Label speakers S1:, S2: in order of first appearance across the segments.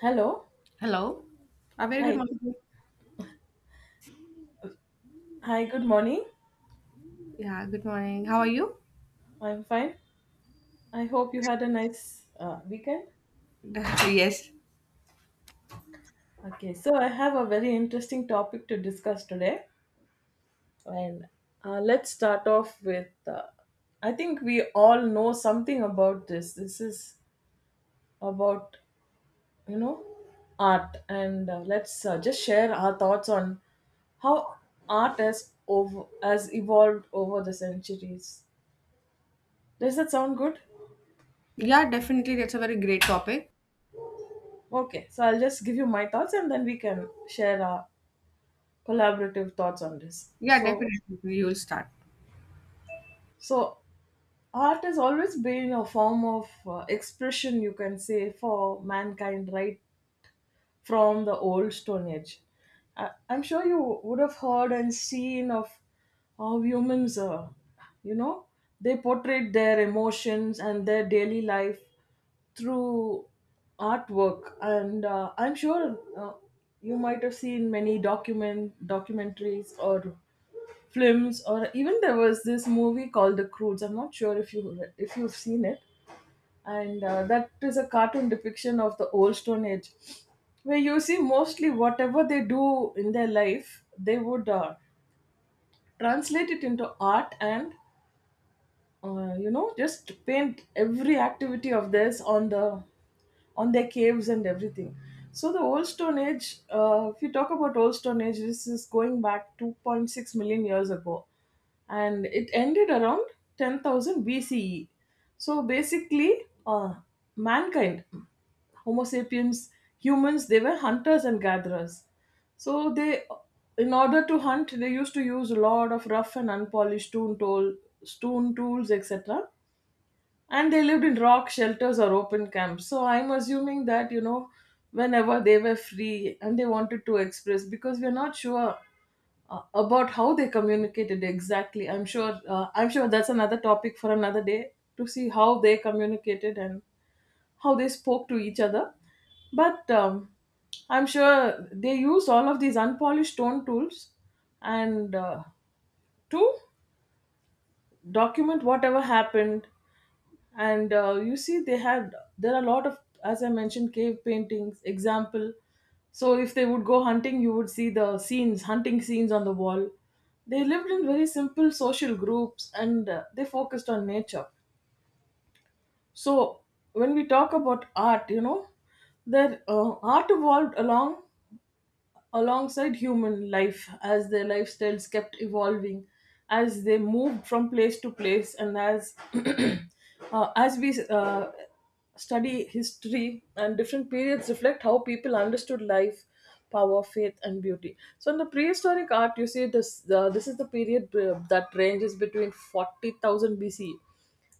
S1: Hello.
S2: Hello. A very good
S1: Hi.
S2: morning.
S1: Hi. Good morning.
S2: Yeah, good morning. How are you?
S1: I'm fine. I hope you had a nice weekend.
S2: Yes.
S1: Okay. So I have a very interesting topic to discuss today, and let's start off with. I think we all know something about this. This is about you know art, and let's just share our thoughts on how art has evolved over the centuries. Does that sound good?
S2: Yeah, definitely. That's a very great topic.
S1: Okay, so I'll just give you my thoughts and then we can share our collaborative thoughts on this.
S2: Yeah,
S1: So,
S2: definitely. You will start.
S1: so art has always been a form of expression, you can say, for mankind, right? From the Old Stone Age. I'm sure you would have heard and seen of how humans, you know, they portrayed their emotions and their daily life through artwork. And I'm sure you might have seen many documentaries or films, or even there was this movie called The Croods. I'm not sure if you've seen it, and that is a cartoon depiction of the Old Stone Age, where you see mostly whatever they do in their life they would translate it into art, and just paint every activity of theirs on their caves and everything. So the Old Stone Age, if you talk about Old Stone Age, this is going back 2.6 million years ago, and it ended around 10,000 BCE. So basically, mankind, Homo sapiens, humans, they were hunters and gatherers. So they, in order to hunt, they used to use a lot of rough and unpolished stone tools, etc, and they lived in rock shelters or open camps. So I'm assuming that whenever they were free and they wanted to express, because we're not sure about how they communicated exactly. I'm sure that's another topic for another day, to see how they communicated and how they spoke to each other. But I'm sure they used all of these unpolished stone tools, and to document whatever happened. And you see, they had there are a lot of, as I mentioned, cave paintings, example. So if they would go hunting, you would see the scenes hunting scenes on the wall. They lived in very simple social groups, and they focused on nature. So when we talk about art, their art evolved alongside human life, as their lifestyles kept evolving, as they moved from place to place, and as as we study history. And different periods reflect how people understood life, power, faith, and beauty. So in the prehistoric art, you see this is the period that ranges between 40,000 BC.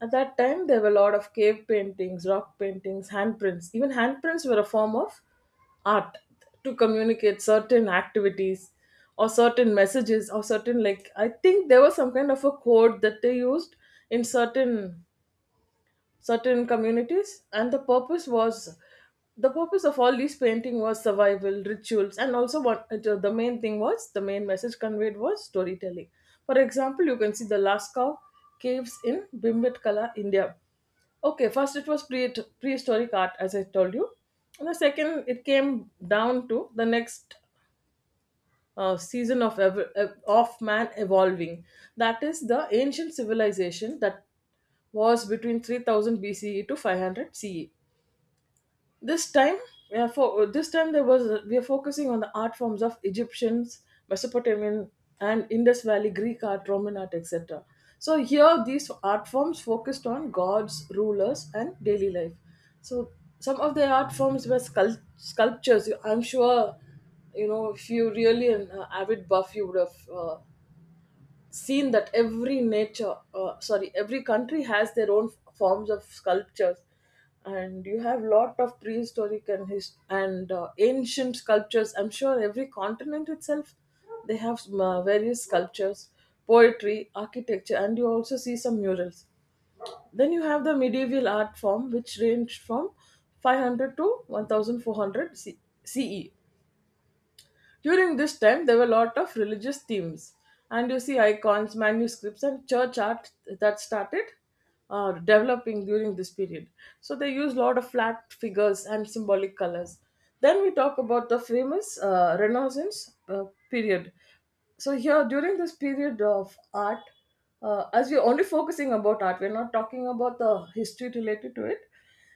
S1: At that time, there were a lot of cave paintings, rock paintings, handprints even handprints were a form of art, to communicate certain activities or certain messages, or certain, like, I think there was some kind of a code that they used in certain communities. And the purpose of all these painting, was survival rituals. And also, one the main thing was the main message conveyed was storytelling. For example, you can see the Lascaux caves in bimbetkala, India. Okay, first it was prehistoric art, as I told you. And the second, it came down to the next season of man evolving. That is the ancient civilization that was between 3000 BCE to 500 CE. This time we are For this time, there was we are focusing on the art forms of Egyptians, Mesopotamian, and Indus Valley, Greek art, Roman art, etc. So here, these art forms focused on gods, rulers, and daily life. So some of the art forms were sculptures. I'm sure you know, if you really, an avid buff, you would have seen that every nature sorry, every country has their own forms of sculptures. And you have lot of prehistoric and ancient sculptures. I'm sure every continent itself, they have some, various sculptures, poetry, architecture, and you also see some murals. Then you have the medieval art form, which ranged from 500 to 1400 CE. During this time, there were a lot of religious themes, and you see icons, manuscripts, and church art that started developing during this period. So they use a lot of flat figures and symbolic colors. Then we talk about the famous Renaissance period. So here, during this period of art, as we're only focusing about art, we're not talking about the history related to it.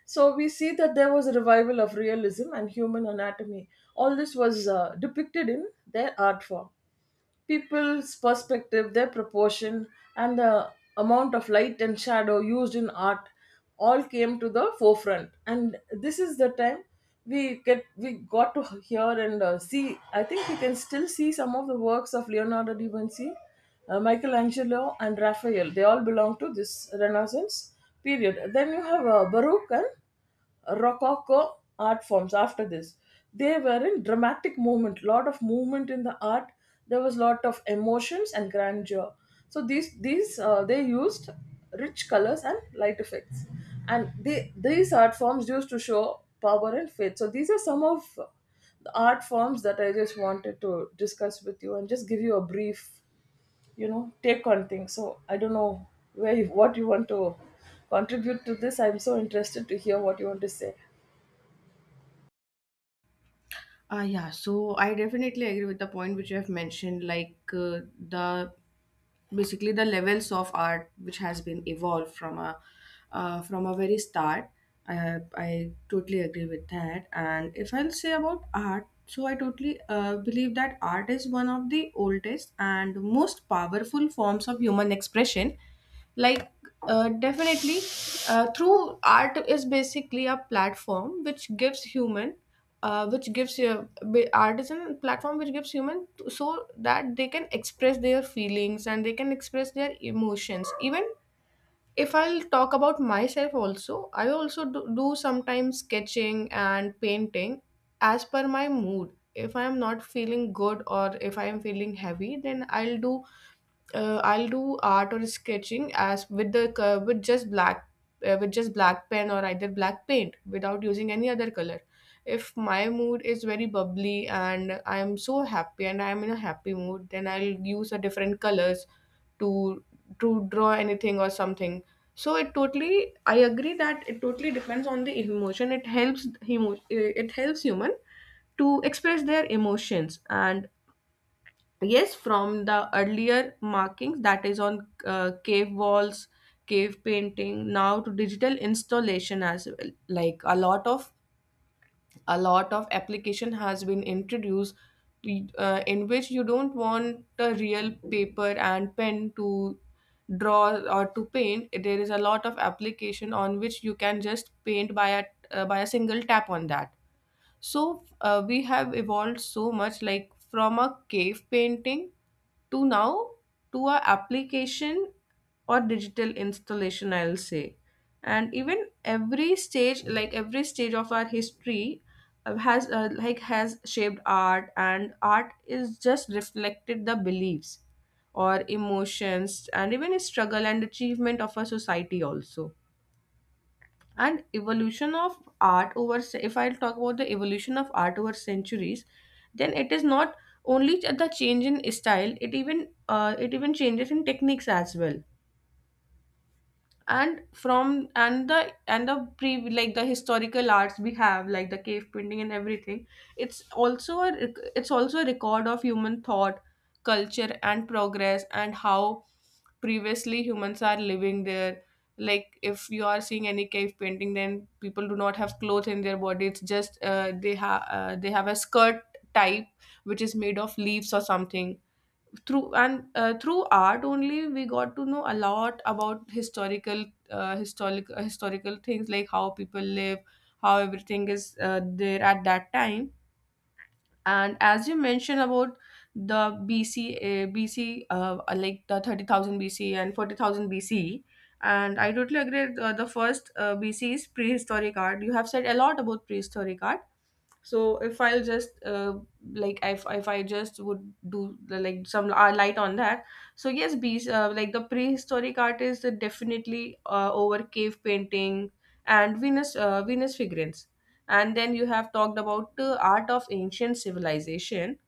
S1: So we see that there was a revival of realism and human anatomy. All this was depicted in their art form: people's perspective, their proportion, and the amount of light and shadow used in art all came to the forefront. And this is the time we got to hear and see. I think we can still see some of the works of Leonardo da Vinci, Michelangelo, and Raphael. They all belong to this Renaissance period. Then you have Baroque and Rococo art forms. After this, they were in dramatic movement, lot of movement in the art, there was lot of emotions and grandeur. So these they used rich colors and light effects, and these art forms used to show power and faith. So these are some of the art forms that I just wanted to discuss with you, and just give you a brief, take on things. So I don't know where you, what you want to contribute to this. I'm so interested to hear what you want to say.
S2: Yeah, so I definitely agree with the point which you have mentioned, like the basically the levels of art which has been evolved from a very start. I totally agree with that. And if I'll say about art, so I totally believe that art is one of the oldest and most powerful forms of human expression, like, definitely, through art is basically a platform which gives you a artisan platform which gives human t- so that they can express their feelings, and they can express their emotions. Even if I'll talk about myself also, I also do sometimes sketching and painting as per my mood. If I am not feeling good, or if I am feeling heavy, then I'll do art or sketching, as with the with just black, with just black pen, or either black paint without using any other color. If my mood is very bubbly and I am so happy and I am in a happy mood, then I'll use a different colors to draw anything or something. So, I agree that it totally depends on the emotion. It helps human to express their emotions. And yes, from the earlier markings that is on, cave walls, cave painting, now to digital installation as well. Like, a lot of application has been introduced, in which you don't want a real paper and pen to draw or to paint. There is a lot of application on which you can just paint by a single tap on that. So, we have evolved so much, like, from a cave painting to now, to a application or digital installation, I'll say. And even every stage, like every stage of our history, has shaped art, and art is just reflected the beliefs or emotions, and even struggle and achievement of a society also. And evolution of art if I'll talk about the evolution of art over centuries, then it is not only the change in style. It even changes in techniques as well. And from and the pre like the historical arts we have, like the cave painting and everything. It's also a record of human thought, culture, and progress, and how previously humans are living there. Like, if you are seeing any cave painting, then people do not have clothes in their body. It's just, they have a skirt type which is made of leaves or something. Through art only, we got to know a lot about historical things, like how people live, how everything is, there at that time. And as you mentioned about the bc bc like the 30,000 BC and 40,000 BC. And I totally agree, the first, BC is prehistoric art. You have said a lot about prehistoric art. So, if I'll just, like, if I just would do the, like, some, light on that. So yes, bees, like the prehistoric artists is definitely, over cave painting and Venus figurines. And then you have talked about the art of ancient civilization.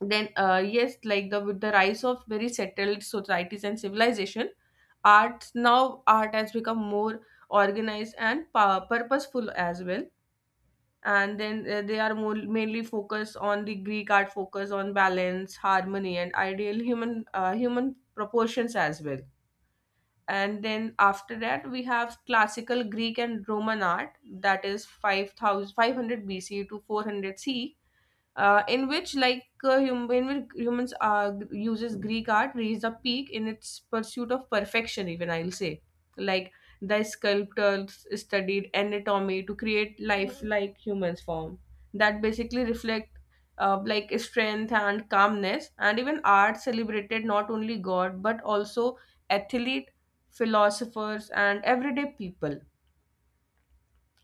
S2: Then, yes, like the with the rise of very settled societies and civilization, art now art has become more organized and purposeful as well. And then, they are mainly focused on the Greek art, focus on balance, harmony, and ideal human proportions as well. And then after that we have classical Greek and Roman art, that is 5,500 BC to 400 C, in which, like, in which humans, uses Greek art reached a peak in its pursuit of perfection, even I'll say, like, the sculptors studied anatomy to create lifelike humans form, that basically reflect, like, strength and calmness. And even art celebrated not only god, but also athlete, philosophers, and everyday people.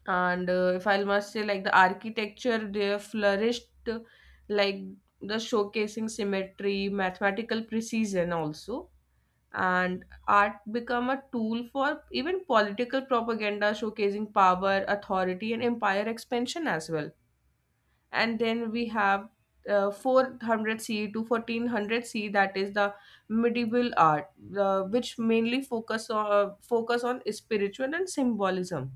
S2: And, if I must say, like the architecture, they flourished, like, the showcasing symmetry, mathematical precision also, and art become a tool for even political propaganda, showcasing power, authority, and empire expansion as well. And then we have, 400 C to 1400 C. That is the medieval art, which mainly focus on spiritual and symbolism.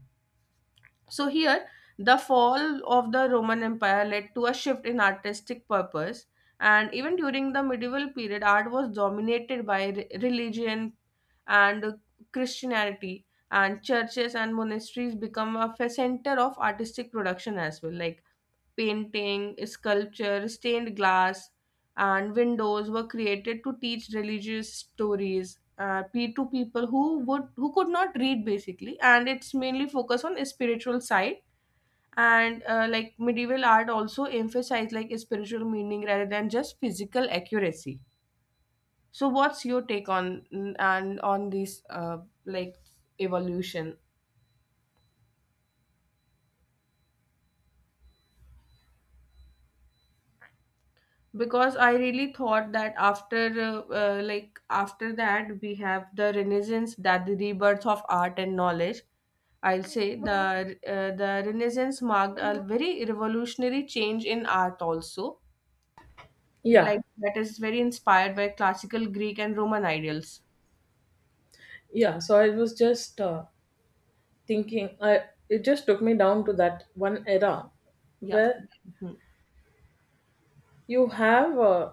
S2: So here, the fall of the Roman Empire led to a shift in artistic purpose, and even during the medieval period, art was dominated by religion and Christianity, and churches and monasteries become a center of artistic production as well. Like, painting, sculpture, stained glass, and windows were created to teach religious stories, to people who could not read, basically. And it's mainly focused on spiritual side. And, like, medieval art also emphasized, like, spiritual meaning rather than just physical accuracy. So, what's your take on this, like, evolution? Because I really thought that, after that, we have the Renaissance, that the rebirth of art and knowledge. I'll say the, Renaissance marked a very revolutionary change in art also,
S1: Yeah,
S2: like, that is very inspired by classical Greek and Roman ideals.
S1: yeah, so I was just thinking, I it just took me down to that one era
S2: Yeah.
S1: where
S2: Mhm.
S1: you have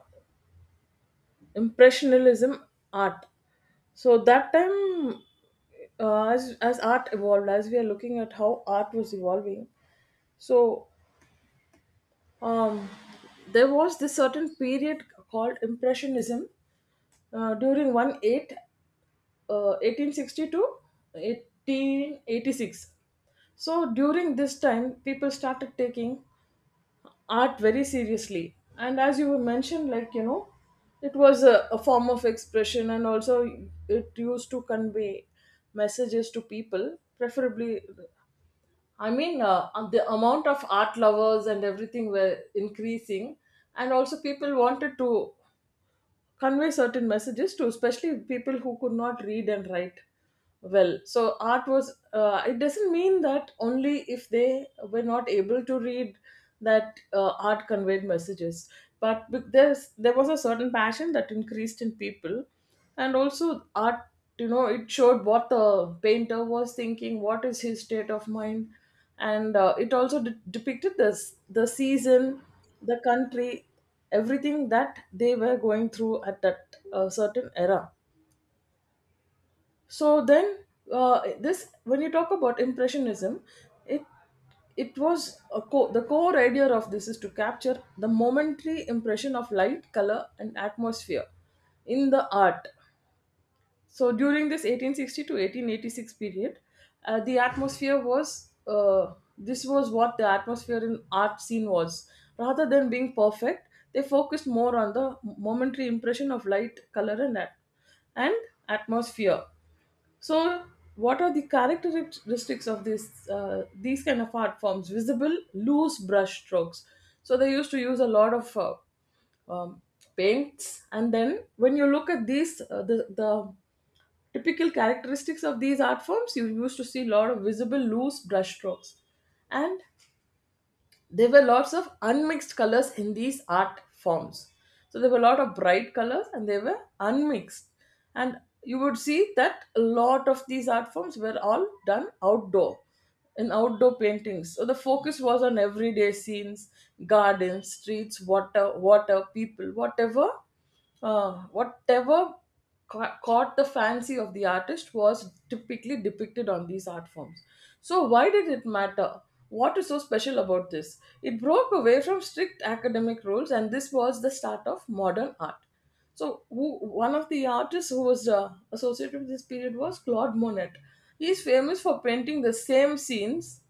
S1: impressionism art. So that time, as art evolved, as we are looking at how art was evolving, so um there was this certain period called impressionism. During 1860 to 1886. So during this time, people started taking art very seriously. And as you mentioned, like, you know, it was a form of expression, and also it used to convey messages to people, preferably. I mean, the amount of art lovers and everything were increasing, and also people wanted to convey certain messages to, especially people who could not read and write well. So art was, it doesn't mean that only if they were not able to read that art conveyed messages. But there was a certain passion that increased in people. And also art, it showed what the painter was thinking, what is his state of mind. And it also depicted this the season, the country, everything that they were going through at that certain era. So then, this when you talk about impressionism, it it was the core idea of this is to capture the momentary impression of light, color, and atmosphere in the art. So during this 1860 to 1886 period, the atmosphere was this was what the atmosphere in art scene was. Rather than being perfect, they focused more on the momentary impression of light, color, and and atmosphere. So, what are the characteristics of this these kind of art forms? Visible, loose brush strokes. So they used to use a lot of um, paints, and then when you look at these, the typical characteristics of these art forms, you used to see a lot of visible loose brush strokes. And there were lots of unmixed colors in these art forms. So there were a lot of bright colors and they were unmixed. And you would see that a lot of these art forms were all done outdoor, in outdoor paintings. So the focus was on everyday scenes, gardens, streets, water, people, whatever, uh, whatever caught the fancy of the artist, was typically depicted on these art forms. So, why did it matter? What is so special about this? It broke away from strict academic rules, and this was the start of modern art. So, who, one of the artists who was associated with this period was Claude Monet. He is famous for painting the same scenes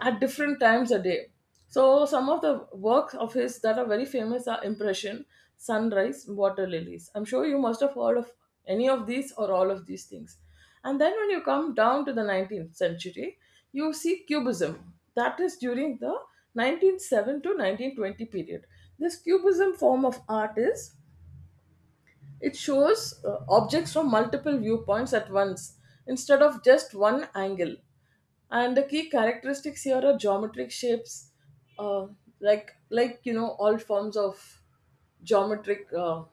S1: at different times a day. So some of the works of his that are very famous are Impression, Sunrise, Water Lilies. I'm sure you must have heard of any of these or all of these things. And then when you come down to the 19th century, you see Cubism. That is during the 1907 to 1920 period. This Cubism form of art is it shows objects from multiple viewpoints at once, instead of just one angle. And the key characteristics here are geometric shapes, uh, like all forms of geometric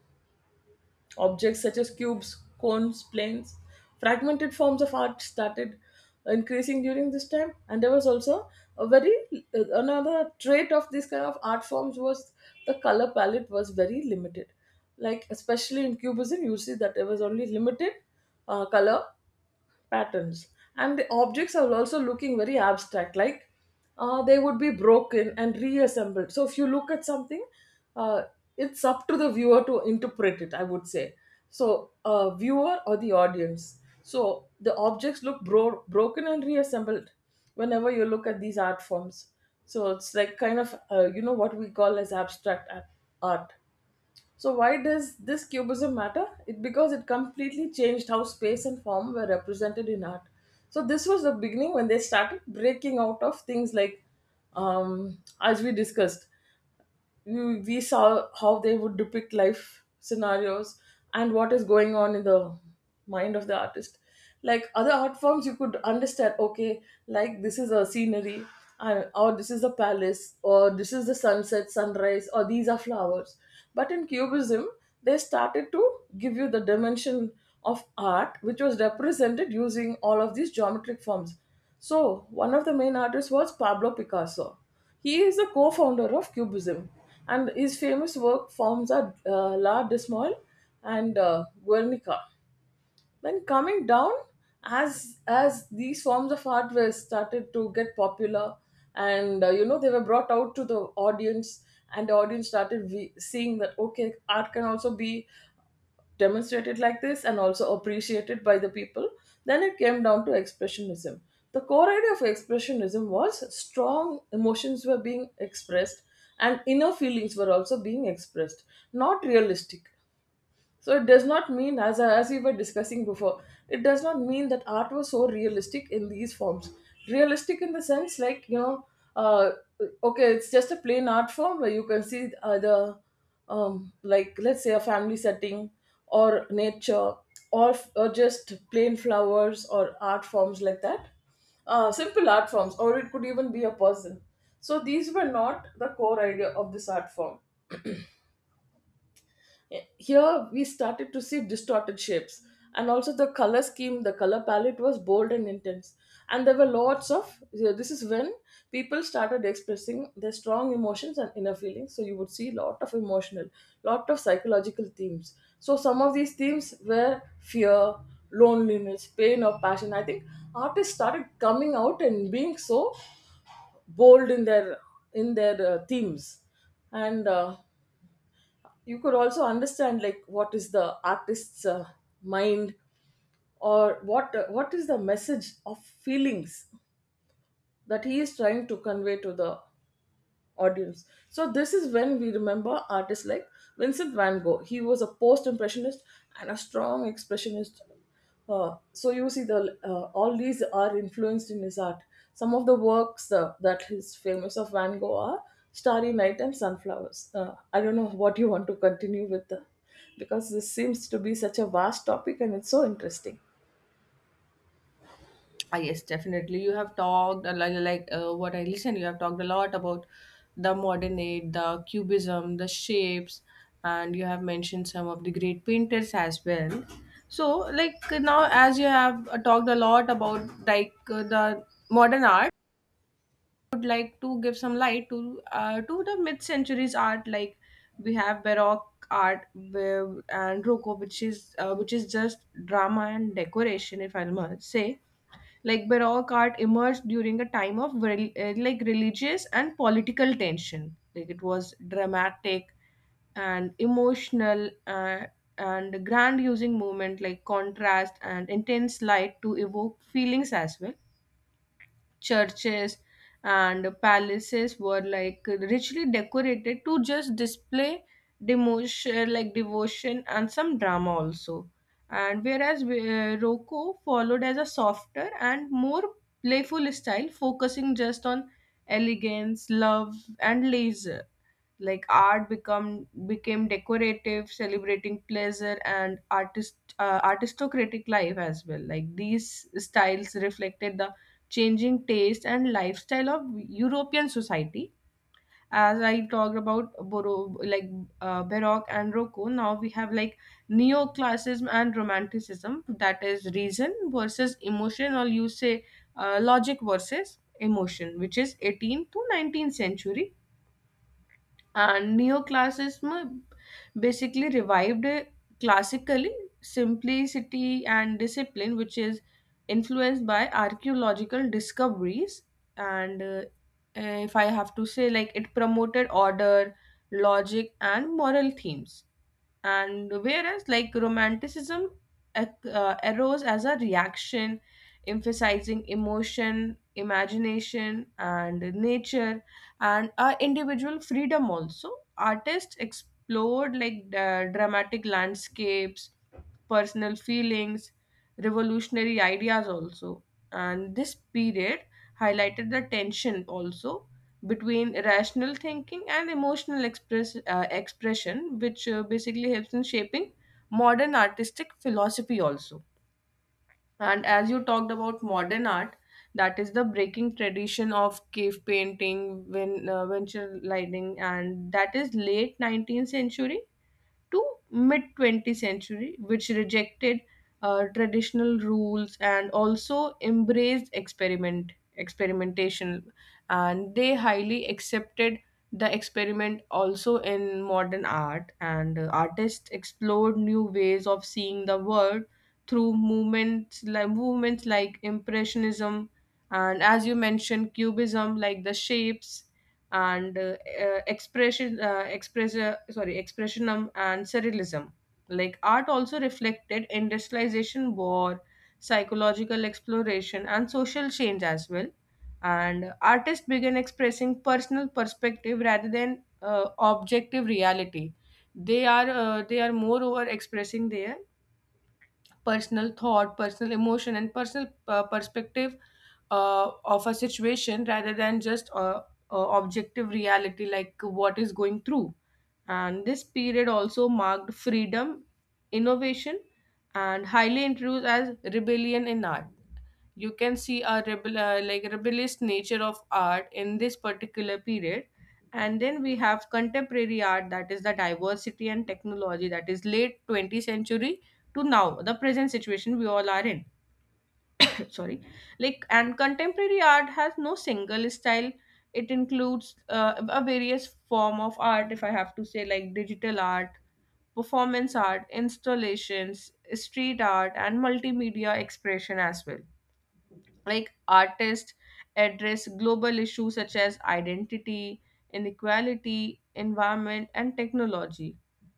S1: objects such as cubes, cones, planes, fragmented forms of art started increasing during this time. And there was also a very another trait of these kind of art forms was the color palette was very limited. Like especially in Cubism, you see that there was only limited color patterns, and the objects are also looking very abstract, like they would be broken and reassembled. So if you look at something, uh, it's up to the viewer to interpret it, I would say. So viewer or the audience, so the objects look broken and reassembled whenever you look at these art forms. So it's like kind of what we call as abstract art. So why does this Cubism matter? It because it completely changed how space and form were represented in art. So this was the beginning when they started breaking out of things like, as we discussed, we saw how they would depict life scenarios and what is going on in the mind of the artist. Like other art forms you could understand, okay, like this is a scenery and, or this is a palace or this is the sunset sunrise or these are flowers. But in Cubism, they started to give you the dimension of art which was represented using all of these geometric forms. So one of the main artists was Pablo Picasso. He is the co-founder of Cubism, and his famous work forms are La Dismal and Guernica. Then coming down, as these forms of art were started to get popular, and they were brought out to the audience, and the audience started we seeing that, okay, art can also be demonstrated like this and also appreciated by the people. Then it came down to expressionism. The core idea of expressionism was strong emotions were being expressed and inner feelings were also being expressed, not realistic. So it does not mean, as we were discussing before, it does not mean that art was so realistic in these forms. Realistic in the sense, uh, okay, it's just a plain art form where you can see the, like let's say a family setting or nature or just plain flowers or art forms like that, simple art forms, or it could even be a person. So these were not the core idea of this art form. Here we started to see distorted shapes, and also the color scheme, the color palette was bold and intense. And there were lots of this is when people started expressing their strong emotions and inner feelings. So you would see lot of emotional, lot of psychological themes. So some of these themes were fear, loneliness, pain, or passion. I think artists started coming out and being so bold in their themes, and you could also understand like what is the artist's mind, or what is the message of feelings that he is trying to convey to the audience. So this is when we remember artists like Vincent van Gogh. He was a post-impressionist and a strong expressionist. So you see, the all these are influenced in his art. Some of the works that is famous of Van Gogh are Starry Night and Sunflowers. I don't know what you want to continue with, because this seems to be such a vast topic and it's so interesting.
S2: Ah, yes, definitely. You have talked a lot, like, what I listen. You have talked a lot about the modern age, the cubism, the shapes, and you have mentioned some of the great painters as well. So, like, now, as you have, talked a lot about, like, the modern art, I would like to give some light to the mid centuries art. Like, we have Baroque art and Rococo, which is just drama and decoration, if I must say. Like, Baroque art emerged during a time of like religious and political tension. Like, it was dramatic and emotional, and grand, using movement like contrast and intense light, to evoke feelings as well. Churches and palaces were, like, richly decorated to just display demotion like devotion and some drama also. And whereas, Rocco followed as a softer and more playful style, focusing just on elegance, love, and leisure. Like, art become became decorative, celebrating pleasure and artist aristocratic life as well. Like, these styles reflected the changing taste and lifestyle of European society. As I talked about like, Baroque and Rococo, now we have, like, neoclassism and romanticism, that is reason versus emotion, or you say, logic versus emotion, which is 18th to 19th century. And neoclassicism basically revived classically simplicity and discipline, which is influenced by archaeological discoveries. And, if I have to say, like, it promoted order, logic, and moral themes. And whereas, like, romanticism arose as a reaction, emphasizing emotion, imagination, and nature, and our individual freedom also. Artists explored, like, the dramatic landscapes, personal feelings, revolutionary ideas also. And this period highlighted the tension also between rational thinking and emotional expression, which, basically helps in shaping modern artistic philosophy also. And as you talked about modern art, that is the breaking tradition of cave painting, venture lighting, and that is late 19th century to mid 20th century, which rejected, traditional rules, and also embraced experimentation. And they highly accepted the experiment also in modern art. And, artists explored new ways of seeing the world through movements like impressionism, and as you mentioned cubism, like the shapes, and, expressionism and surrealism. Like, art also reflected industrialization, war, psychological exploration, and social change as well. And artists began expressing personal perspective rather than, objective reality. They are, moreover expressing their personal thought, personal emotion, and personal, perspective, of a situation rather than just, objective reality, like, what is going through. And this period also marked freedom, innovation, and highly introduced as rebellion in art. You can see a like rebellious nature of art in this particular period. And then we have contemporary art, that is the diversity and technology, that is late 20th century to now the present situation we all are in. Sorry. Like, and contemporary art has no single style. It includes, a various form of art, if I have to say, like, digital art, performance art, installations, street art, and multimedia expression as well. Like, artists address global issues such as identity, inequality, environment, and technology.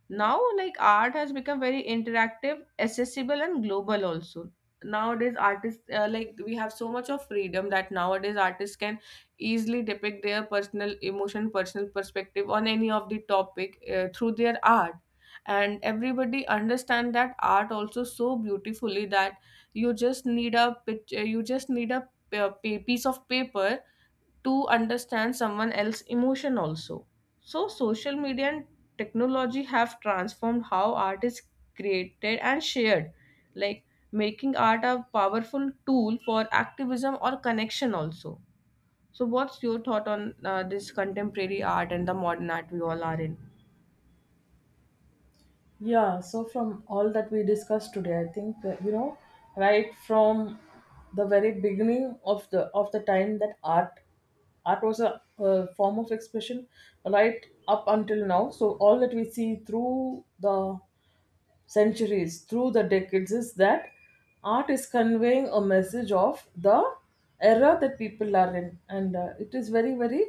S2: Now, like, art has become very interactive, accessible, and global also. Nowadays artists, like, we have so much of freedom that nowadays artists can easily depict their personal emotion, personal perspective on any of the topic, through their art. And everybody understand that art also so beautifully, that you just need a picture, you just need a piece of paper to understand someone else's emotion also. So, social media and technology have transformed how art is created and shared, like, making art a powerful tool for activism or connection also. So, what's your thought on, this contemporary art and the modern art we all are in?
S1: Yeah, so from all that we discussed today, I think right from the very beginning of the time that art was a, form of expression, right up until now. So all that we see through the centuries, through the decades, is that art is conveying a message of the era that people are in, and it is very very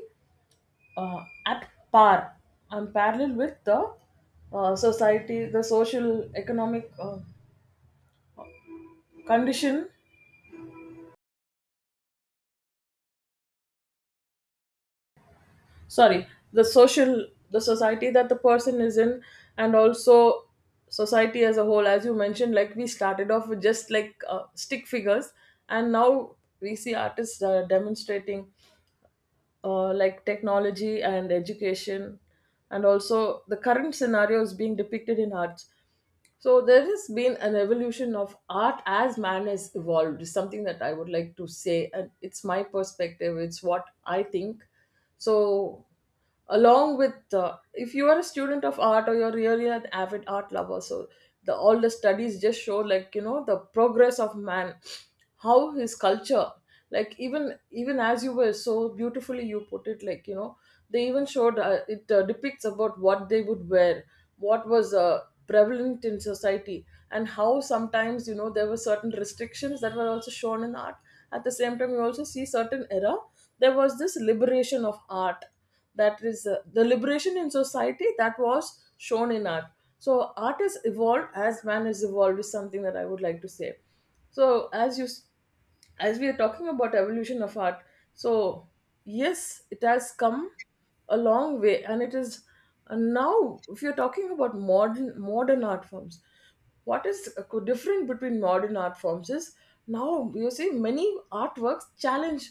S1: uh, at par and parallel with the society, the social economic condition. Sorry, the society that the person is in, and also society as a whole. As you mentioned, like we started off with just like stick figures, and now we see artists demonstrating like technology and education, and also the current scenario is being depicted in arts. So there has been an evolution of art as man has evolved. Is something that I would like to say, and it's my perspective. It's what I think. So along with if you are a student of art or you're really an avid art lover, so the all the studies just show the progress of man, how his culture, like even as you were so beautifully you put it, they even showed it depicts about what they would wear, what was prevalent in society, and how sometimes you know there were certain restrictions that were also shown in art. At the same time you also see certain era there was this liberation of art, that is the liberation in society that was shown in art. So art is evolved as man is evolved is something that I would like to say. So as we are talking about evolution of art, so yes, it has come a long way and it is, and now if you're talking about modern art forms, what is different between modern art forms is now you see many artworks challenge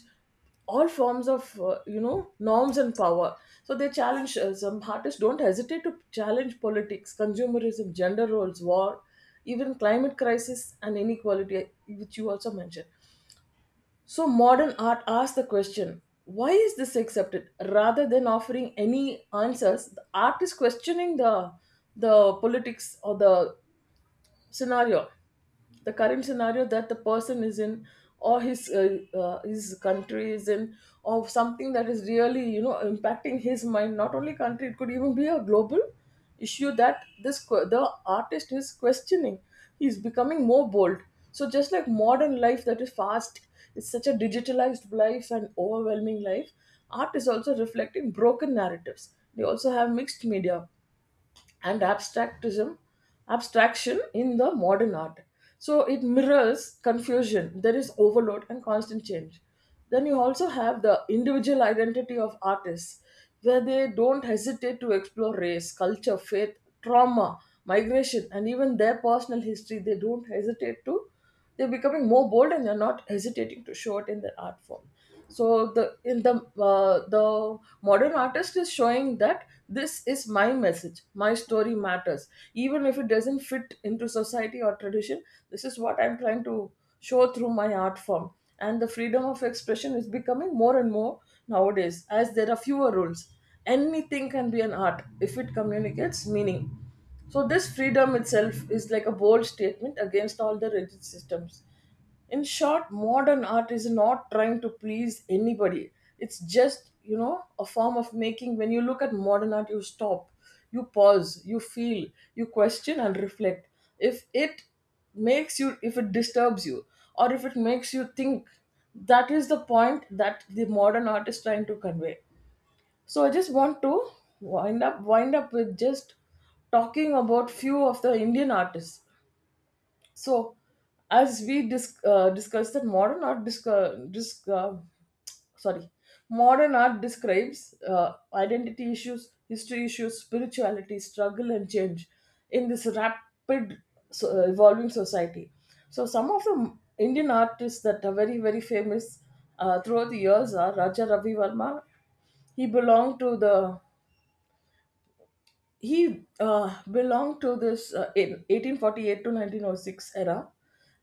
S1: all forms of norms and power. So they challenge some artists don't hesitate to challenge politics, consumerism, gender roles, war, even climate crisis and inequality, which you also mentioned. So modern art asks the question, why is this accepted, rather than offering any answers. The art is questioning the politics or the scenario, the current scenario that the person is in, or his country is in, or something that is really you know impacting his mind. Not only country, it could even be a global issue that the artist is questioning. He's becoming more bold. So just like modern life that is fast, it's such a digitalized life and overwhelming life, art is also reflecting broken narratives. They also have mixed media and abstractism abstraction in the modern art. So it mirrors confusion, there is overload and constant change. Then you also have the individual identity of artists, where they don't hesitate to explore race, culture, faith, trauma, migration, and even their personal history. They don't hesitate to, they're becoming more bold and they're not hesitating to show it in their art form. So the in the the modern artist is showing that this is my message, my story matters, even if it doesn't fit into society or tradition. This is what I'm trying to show through my art form. And the freedom of expression is becoming more and more nowadays, as there are fewer rules. Anything can be an art if it communicates meaning. So this freedom itself is like a bold statement against all the rigid systems. In short, modern art is not trying to please anybody. It's just you know a form of making. When you look at modern art you stop, you pause, you feel, you question and reflect. If it makes you, if it disturbs you, or if it makes you think, that is the point that the modern art is trying to convey. So I just want to wind up with just talking about few of the Indian artists. So, discussed that modern art disc disc sorry, modern art describes identity issues, history issues, spirituality, struggle, and change in this rapid evolving society. So, some of the Indian artists that are very very famous throughout the years are Raja Ravi Verma. He belonged to the he belonged to this in 1848 to 1906 era,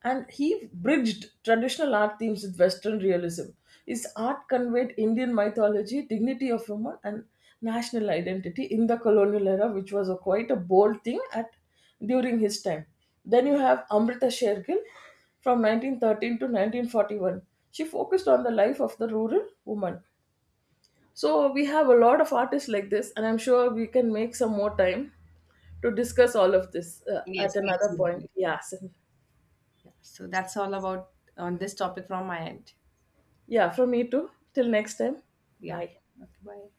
S1: and he bridged traditional art themes with western realism. His art conveyed Indian mythology, dignity of woman, and national identity in the colonial era, which was a quite a bold thing at during his time. Then you have Amrita Shergill, from 1913 to 1941. She focused on the life of the rural woman. So we have a lot of artists like this, and I'm sure we can make some more time to discuss all of this
S2: Yes,
S1: at another point.
S2: definitely.
S1: Yes.
S2: Yeah. So that's all about on this topic from my end.
S1: Yeah, from me too. Till next time.
S2: Yeah.
S1: Bye.
S2: Okay. Bye.